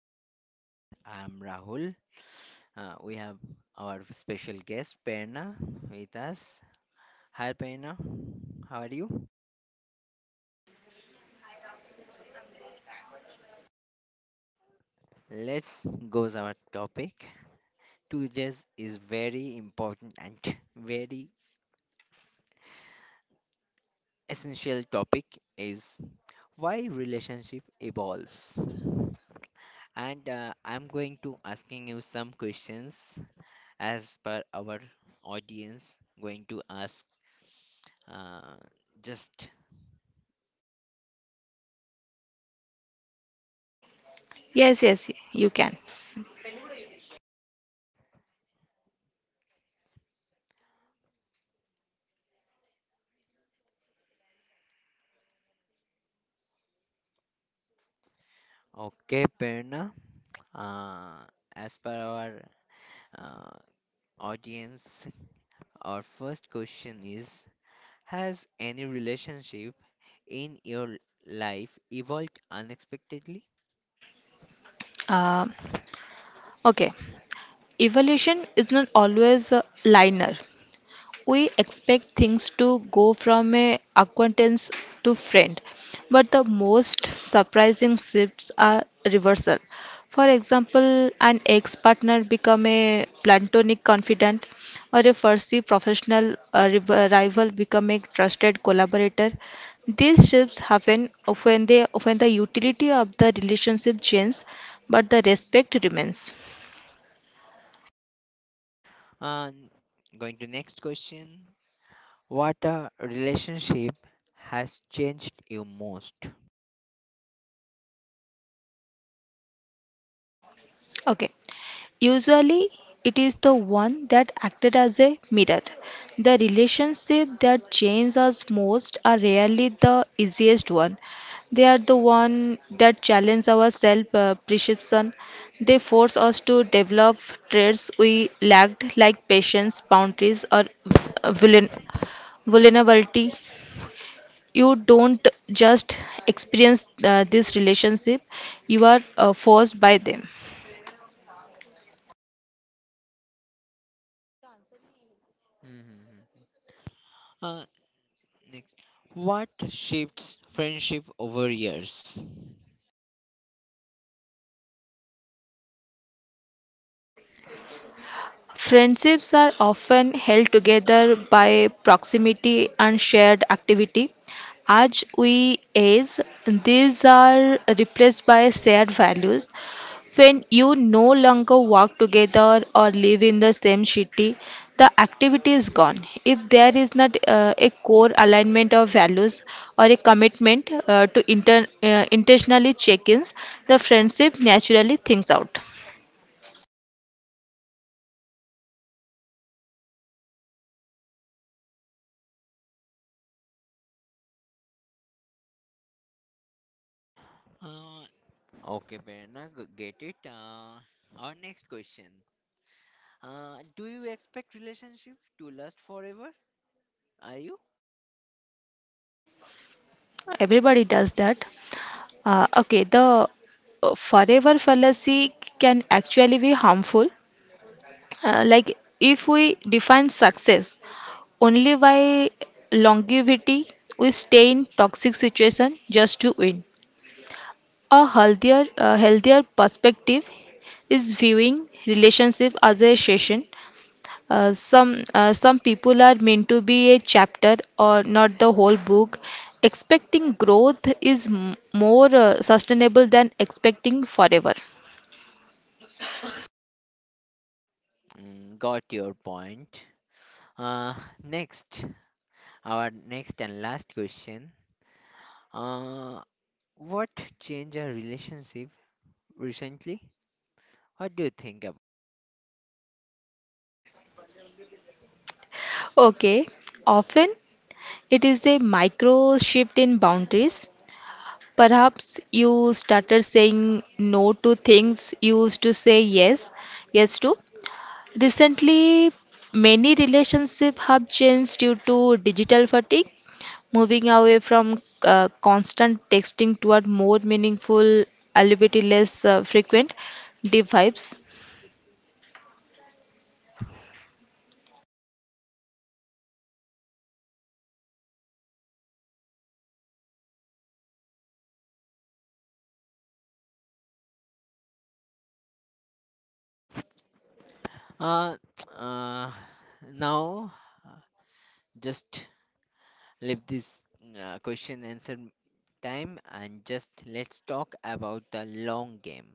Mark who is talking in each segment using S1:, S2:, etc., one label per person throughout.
S1: new podcast. I'm Rahul. We have our special guest Perna with us. Hi Perna, how are you? Let's go to our topic. Today's is very important and very essential topic is why relationship evolves. And I'm going to asking you some questions as per our audience going to ask uh, just.
S2: Yes, yes, you can.
S1: Okay, Perna. Uh, as per our uh, audience, our first question is, has any relationship in your life evolved unexpectedly?
S2: Um okay, evolution is not always linear. We expect things to go from a acquaintance to friend, but the most surprising shifts are reversal. For example, an ex-partner become a platonic confidant, or a fussy professional rival become a trusted collaborator. These shifts happen when the utility of the relationship changes, but the respect remains.
S1: And going to next question, what a relationship has changed you most?
S2: Okay. Usually, it is the one that acted as a mirror. The relationships that change us most are rarely the easiest one. They are the one that challenge our self-perception. They force us to develop traits we lacked, like patience, boundaries, or vulner- vulnerability. You don't just experience this relationship; you are forced by them.
S1: Hmm. Uh, next. What shapes friendship over years?
S2: Friendships are often held together by proximity and shared activity. As we age, these are replaced by shared values. When you no longer work together or live in the same city, the activity is gone. If there is not a core alignment of values or a commitment to intentionally check ins, the friendship naturally thins out.
S1: Uh, okay, Prerna, get it. Our next question. Do you expect relationship to last forever? Are you?
S2: Everybody does that. Okay, the forever fallacy can actually be harmful. Like if we define success only by longevity, we stay in toxic situation just to win. A healthier perspective is viewing relationship as a session, some people are meant to be a chapter or not the whole book. Expecting growth is more sustainable than expecting forever.
S1: Mm, got your point. Uh, next, our next and last question. Uh, what changed our relationship recently? What do you think about?
S2: Okay, often it is a micro shift in boundaries. Perhaps you started saying no to things you used to say yes to. Recently, many relationships have changed due to digital fatigue, moving away from constant texting toward more meaningful, albeit less frequent, deep vibes.
S1: Uh, uh, now just leave this question answer time and just let's talk about the long game.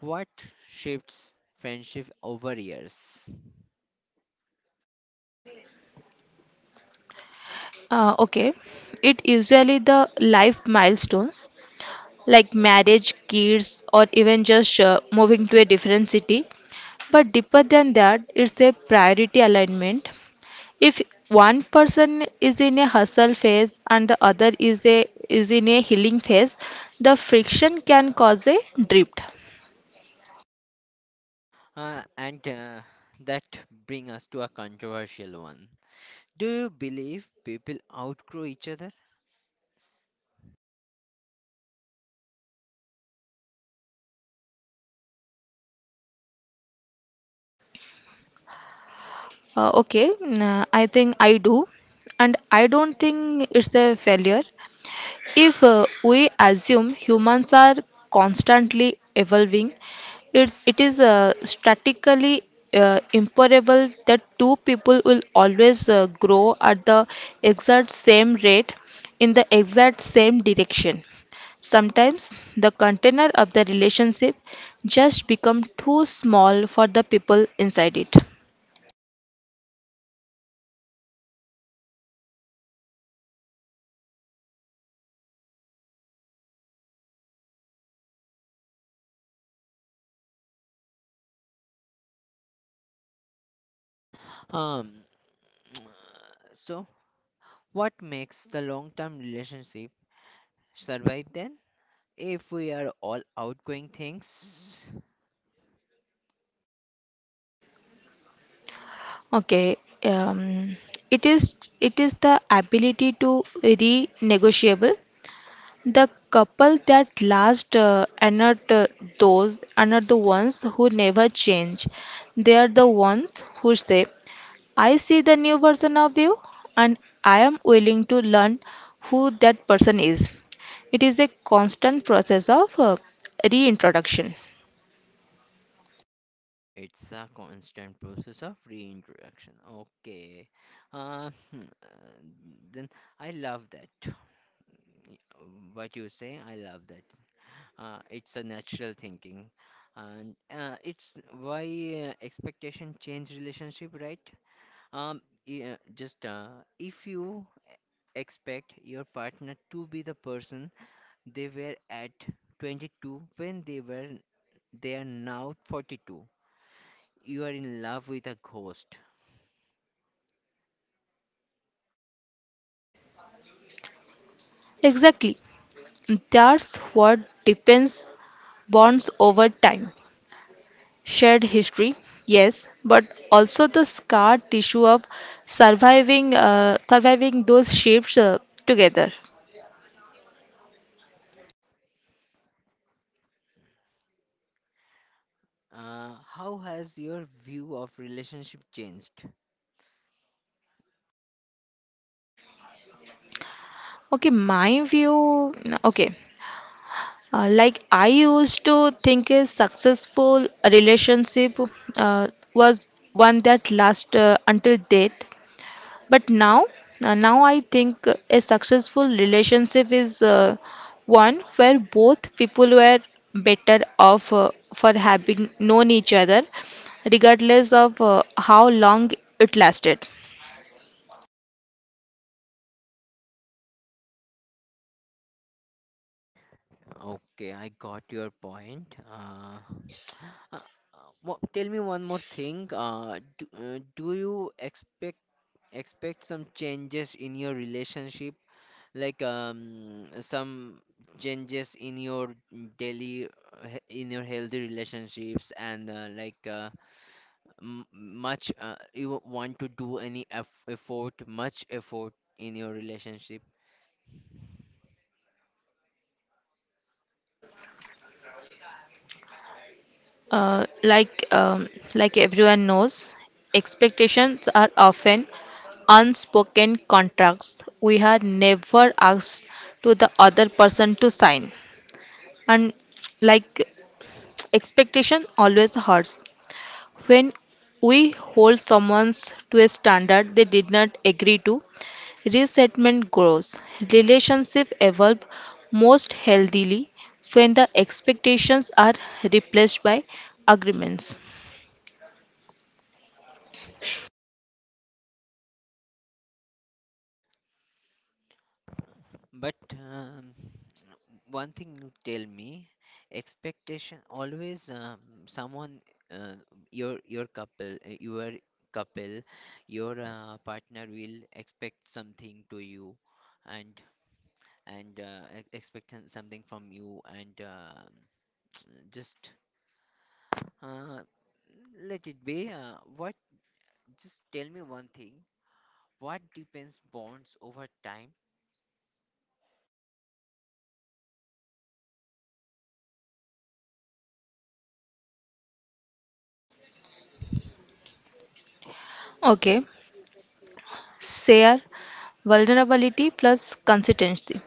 S1: What shifts friendship over years?
S2: Okay, it usually the life milestones like marriage, kids, or even just moving to a different city. But deeper than that, it's a priority alignment. If one person is in a hustle phase and the other is in a healing phase, the friction can cause a drift.
S1: And that bring us to a controversial one. Do you believe people outgrow each other?
S2: Okay, I think I do, and I don't think it's a failure. If we assume humans are constantly evolving, it is statically improbable that two people will always grow at the exact same rate in the exact same direction. Sometimes the container of the relationship just become too small for the people inside it.
S1: Um, so what makes the long-term relationship survive then? If we are all outgrowing things,
S2: Okay, um, it is the ability to renegotiable. The couple that last are not those are not the ones who never change. They are the ones who say, "I see the new version of you, and I am willing to learn who that person is." It is a constant process of reintroduction.
S1: it's a constant process of reintroduction. Okay. Uh, hmm, uh, then I love that. Y- What you say, I love that. It's a natural thinking, and it's why expectation change relationship, right? Yeah, just if you expect your partner to be the person they were at 22 when they are now 42, you are in love with a ghost.
S2: Exactly. That's what depends bonds over time, shared history, yes, but also the scar tissue of surviving those shapes together.
S1: How has your view of relationship changed?
S2: Okay, my view, okay. Like I used to think a successful relationship uh, was one that lasts until death. But now I think a successful relationship is one where both people were better off for having known each other, regardless of how long it lasted.
S1: Okay, I got your point. Uh, tell me one more thing. Do you expect some changes in your relationship, like some changes in your daily in your healthy relationships, and like m much you want to do any effort, much effort in your relationship?
S2: Uh, like um, like everyone knows, expectations are often unspoken contracts we are never asked to the other person to sign and like expectation always hurts. When we hold someone to a standard they did not agree to, resentment grows. Relationships evolve most healthily when the expectations are replaced by agreements.
S1: But one thing you tell me, expectation always, someone, uh, your couple your couple your partner will expect something to you, and expect something from you, and just uh, let it be. What, just tell me one thing. What depends bonds over time?
S2: Okay, share vulnerability plus consistency.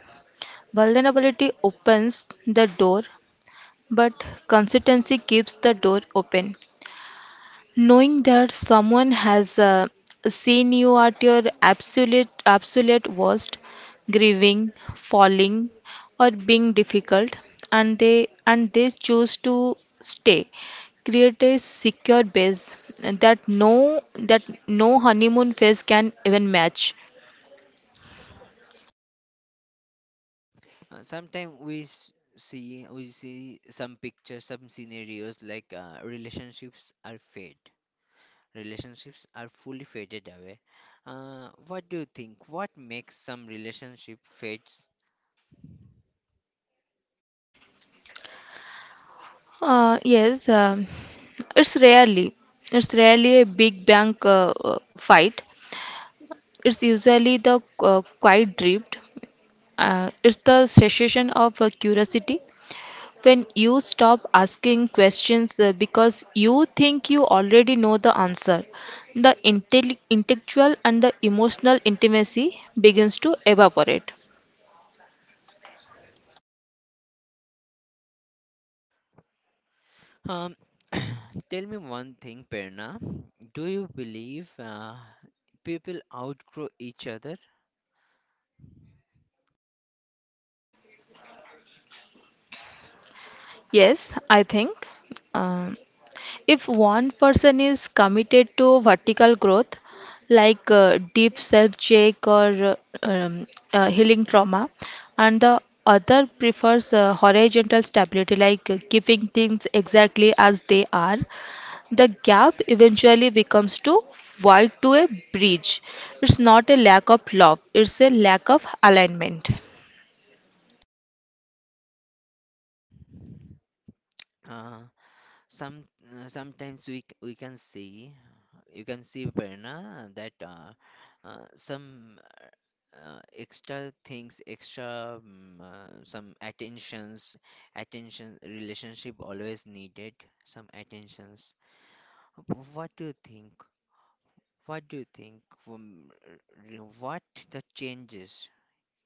S2: Vulnerability opens the door, but consistency keeps the door open. Knowing that someone has seen you at your absolute worst, grieving, falling, or being difficult, and they choose to stay, create a secure base that that no honeymoon phase can even match.
S1: Sometimes we s- see we see some pictures, some scenarios like relationships are fade. Relationships are fully faded away. What do you think? What makes some relationship fades?
S2: Yes, it's rarely a big bang fight. It's usually the quiet drift. It's the cessation of curiosity when you stop asking questions because you think you already know the answer. The intellectual and the emotional intimacy begins to evaporate.
S1: Um, tell me one thing, Perna. Do you believe people outgrow each other?
S2: Yes, I think. Um, if one person is committed to vertical growth, like deep self check or um, healing trauma, and the other prefers horizontal stability, like keeping things exactly as they are, the gap eventually becomes too wide to a bridge. It's not a lack of love, it's a lack of alignment.
S1: Uh, some sometimes we can see, you can see Prerna, that some extra things, extra some attention, relationship always needed some attentions. What do you think, what the changes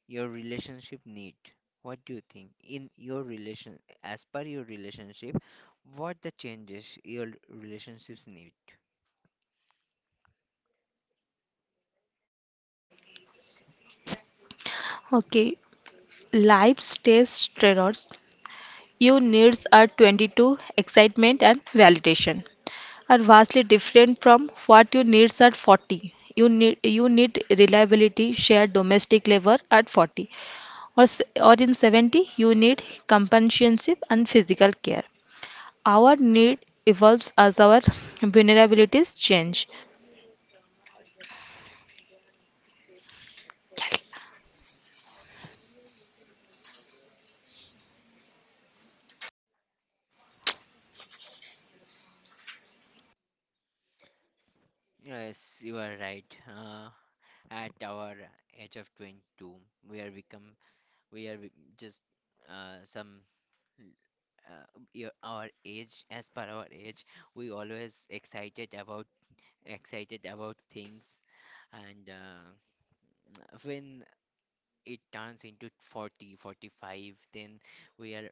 S1: your relationship need? What do you think in your relation, as per your relationship, what the changes your relationships need?
S2: Okay, life stays trade. Your needs are 22, excitement and validation are vastly different from what your needs at 40. You need reliability, shared domestic labor at 40, or s- or in 70 you need companionship and physical care. Our need evolves as our vulnerabilities change.
S1: Yes, you are right. At our age of 22, we are become we are just uh, some uh, our age, as per our age, we always excited about things, and when it turns into 40 45, then we are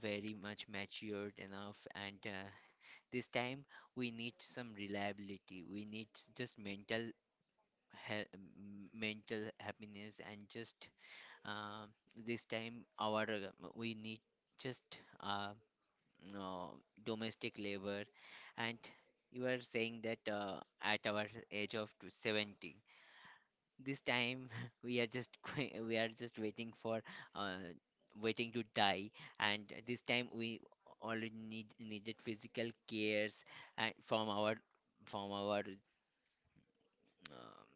S1: very much matured enough, and this time we need some reliability, we need just mental he- mental happiness, and just uh, this time our we need just uh, no, domestic labor, and you are saying that at our age of 70, this time we are just we are just waiting for uh, waiting to die, and this time we already needed physical cares, and from our from our um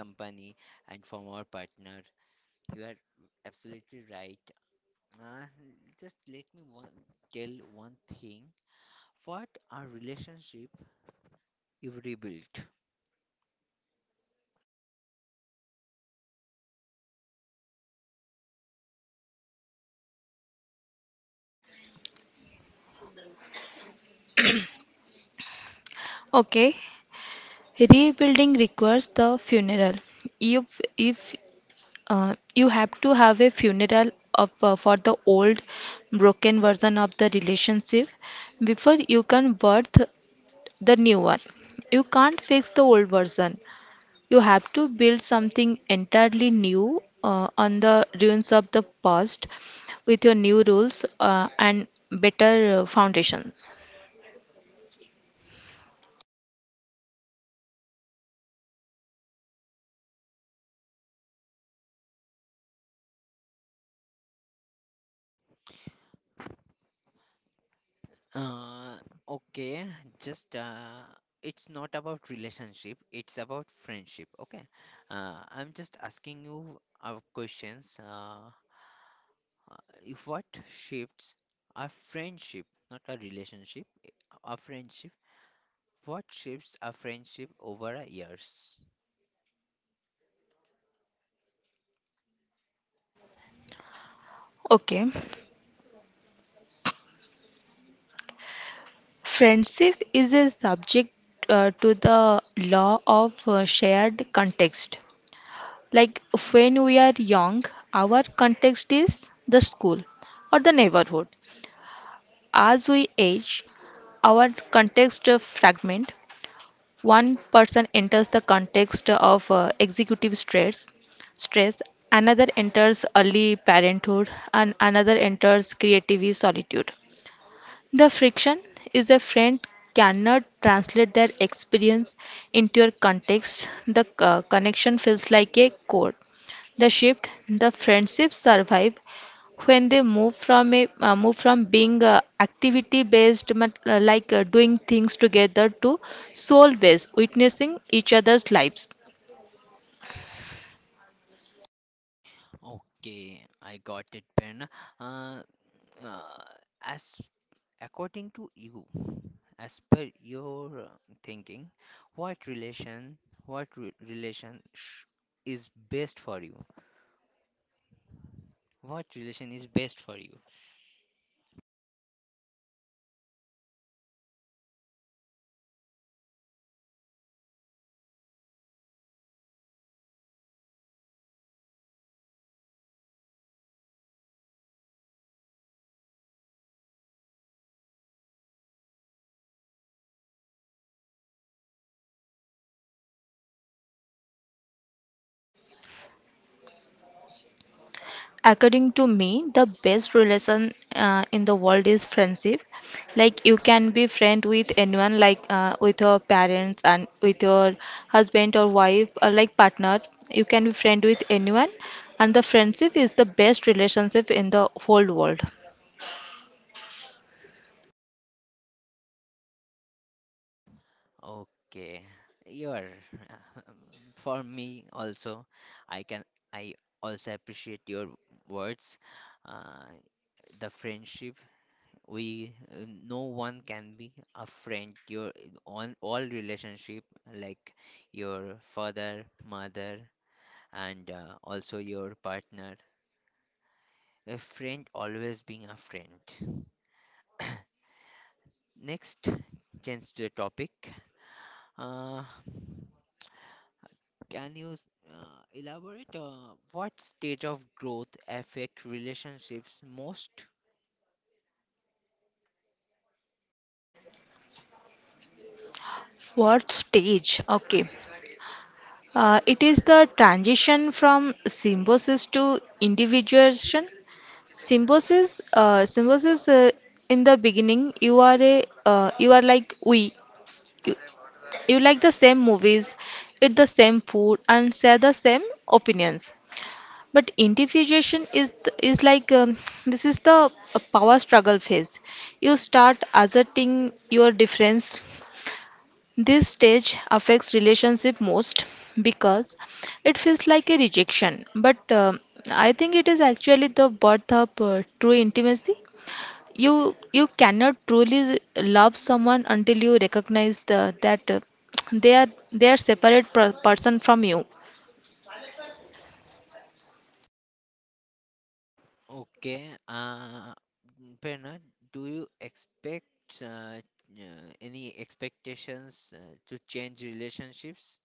S1: company and from our partner, you are absolutely right. Uh, just let me one, tell one thing. What are relationship you rebuilt?
S2: Okay, rebuilding requires the funeral. If if You have to have a funeral of for the old broken version of the relationship before you can birth the new one. You can't fix the old version, you have to build something entirely new on the ruins of the past with your new rules and better foundations.
S1: Uh, okay, just it's not about relationship. It's about friendship. Okay, I'm just asking you our questions. Uh, if what shifts our friendship, not a relationship, eh, our friendship. What shifts our friendship over a years?
S2: Okay, friendship is a subject to the law of shared context. Like when we are young, our context is the school or the neighborhood. As we age, our context fragment. One person enters the context of executive stress. Another enters early parenthood, and another enters creative solitude. The friction is a friend cannot translate their experience into your context. The connection feels like a core. The shift, the friendships survive when they move from being activity based, like doing things together, to soul based, witnessing each other's lives.
S1: Okay, I got it, Ben. Uh, uh, as according to you, as per your thinking, what relation, what re relation sh is best for you? What relation is best for you?
S2: According to me, the best relation in the world is friendship. Like you can be friend with anyone, like with your parents and with your husband or wife, or like partner. You can be friend with anyone, and the friendship is the best relationship in the whole world.
S1: Okay, you're for me also. I can, I also appreciate your words. Uh, the friendship we, no one can be a friend your on all relationship, like your father mother, and also your partner, a friend always being a friend. Next, change to the topic. uh, can you elaborate what stage of growth affect relationships most?
S2: What stage? Okay. It is the transition from symbiosis to individuation. Symbiosis, symbiosis. In the beginning, you are like we. You, you like the same movies, eat the same food, and share the same opinions. But individuation is is like this is the power struggle phase. You start asserting your difference. This stage affects relationship most because it feels like a rejection. But I think it is actually the birth of true intimacy. You cannot truly love someone until you recognize that they are they are separate person from you.
S1: Okay, Prerna, do you expect any expectations to change relationships?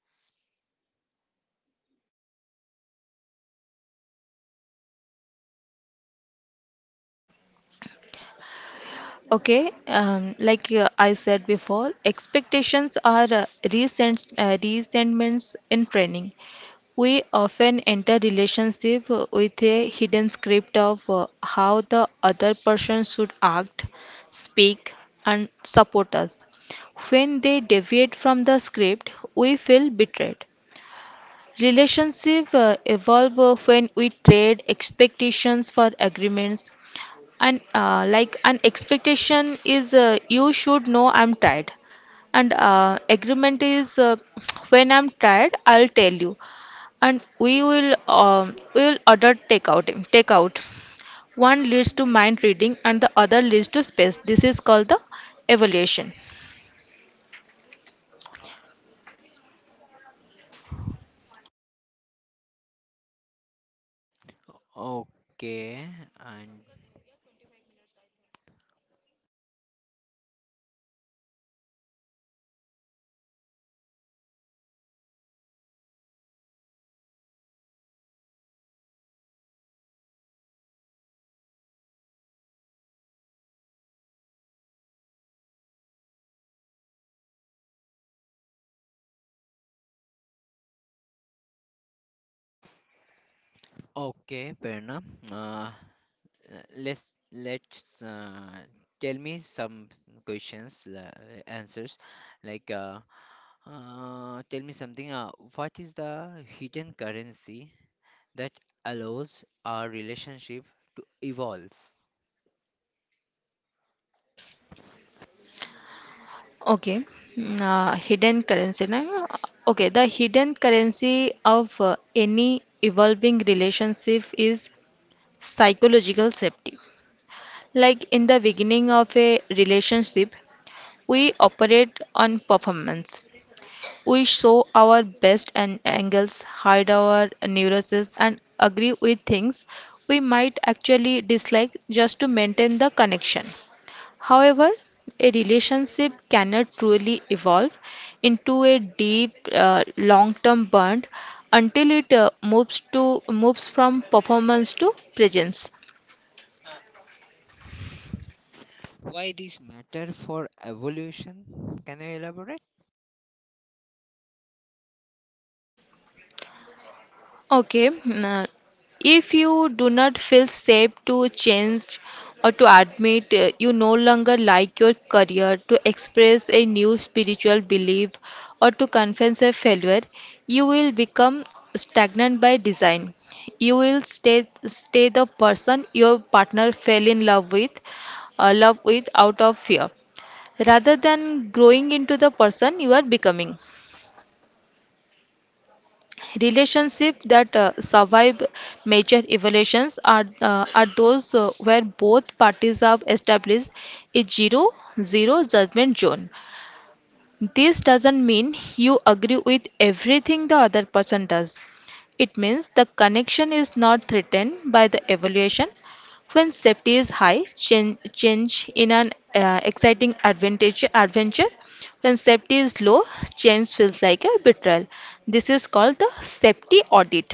S2: Okay, like I said before, expectations are resentments in training. We often enter relationship with a hidden script of how the other person should act, speak, and support us. When they deviate from the script we feel betrayed. Relationships evolve when we trade expectations for agreements. And like an expectation is, you should know I'm tired. And agreement is, when I'm tired, I'll tell you. And we will order takeout. Takeout. One leads to mind reading and the other leads to space. This is called the evaluation.
S1: Okay, and okay, Prerna, uh, uh, let's tell me some questions, answers. Like, tell me something. What is the hidden currency that allows our relationship to evolve?
S2: Okay, hidden currency, na? Okay, the hidden currency of any evolving relationship is psychological safety. Like in the beginning of a relationship, we operate on performance. We show our best and angles, hide our neuroses, and agree with things we might actually dislike just to maintain the connection. However, a relationship cannot truly evolve into a deep, long-term bond until it moves from performance to presence.
S1: Why this matter for evolution? Can you elaborate?
S2: Okay. If you do not feel safe to change or to admit you no longer like your career, to express a new spiritual belief, or to confess a failure, you will become stagnant by design. You will stay the person your partner fell in love with out of fear, rather than growing into the person you are becoming. Relationships that survive major evolutions are those where both parties have established a zero judgment zone. This doesn't mean you agree with everything the other person does. It means the connection is not threatened by the evaluation. When safety is high, change in an exciting advantage, adventure. When safety is low, change feels like a betrayal. This is called the safety audit.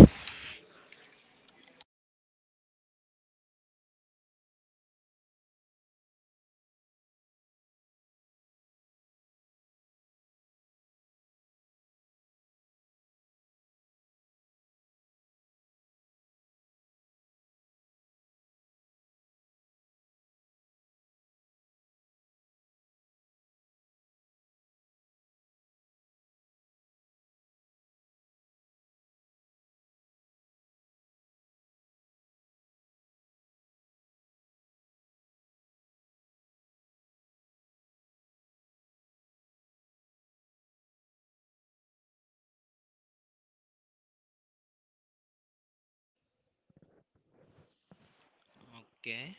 S1: Okay.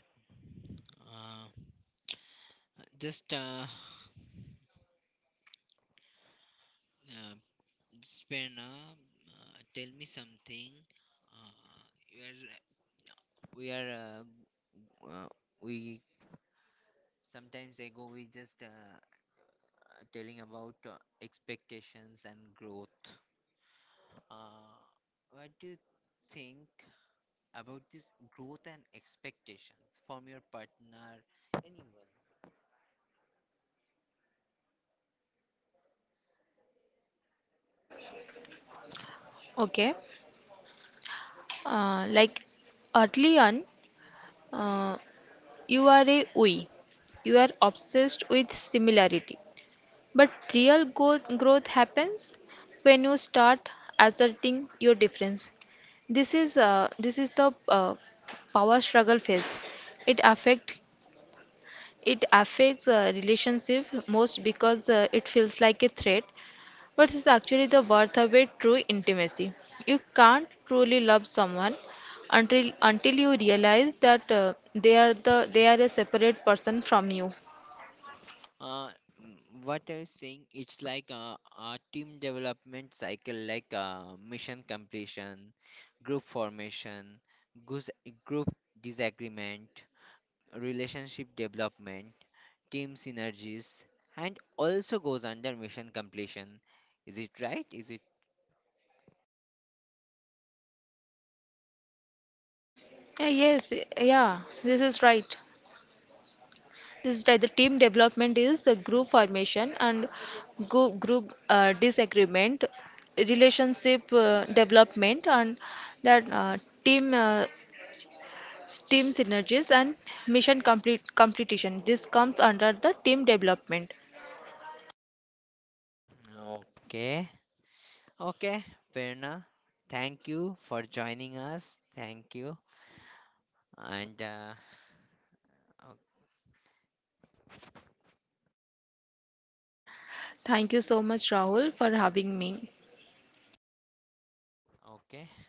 S1: Uh, just uh, uh, tell me something. Uh, you are, uh, we sometimes ago we just telling about expectations and growth. Uh, what do you think about this growth and expectations from your partner, anyone?
S2: Okay, like early on, uh, you are a we. You are obsessed with similarity. But real growth happens when you start asserting your difference. This is the power struggle phase. It affect it affects relationship most because it feels like a threat, but it's actually the worth of a true intimacy. You can't truly love someone until you realize that they are a separate person from you.
S1: Uh, mm, what I was saying, it's like a team development cycle, like mission completion, group formation, goose- group disagreement, relationship development, team synergies, and also goes under mission completion. Is it right? Is it
S2: Yeah, yes, yeah, this is right. This is like the team development is the group formation and group disagreement, relationship development, and that team team synergies and mission complete completion. This comes under the team development.
S1: okay? Okay, Prerna, thank you for joining us. Thank you, and o-
S2: Thank you so much, Rahul, for having me.
S1: okay.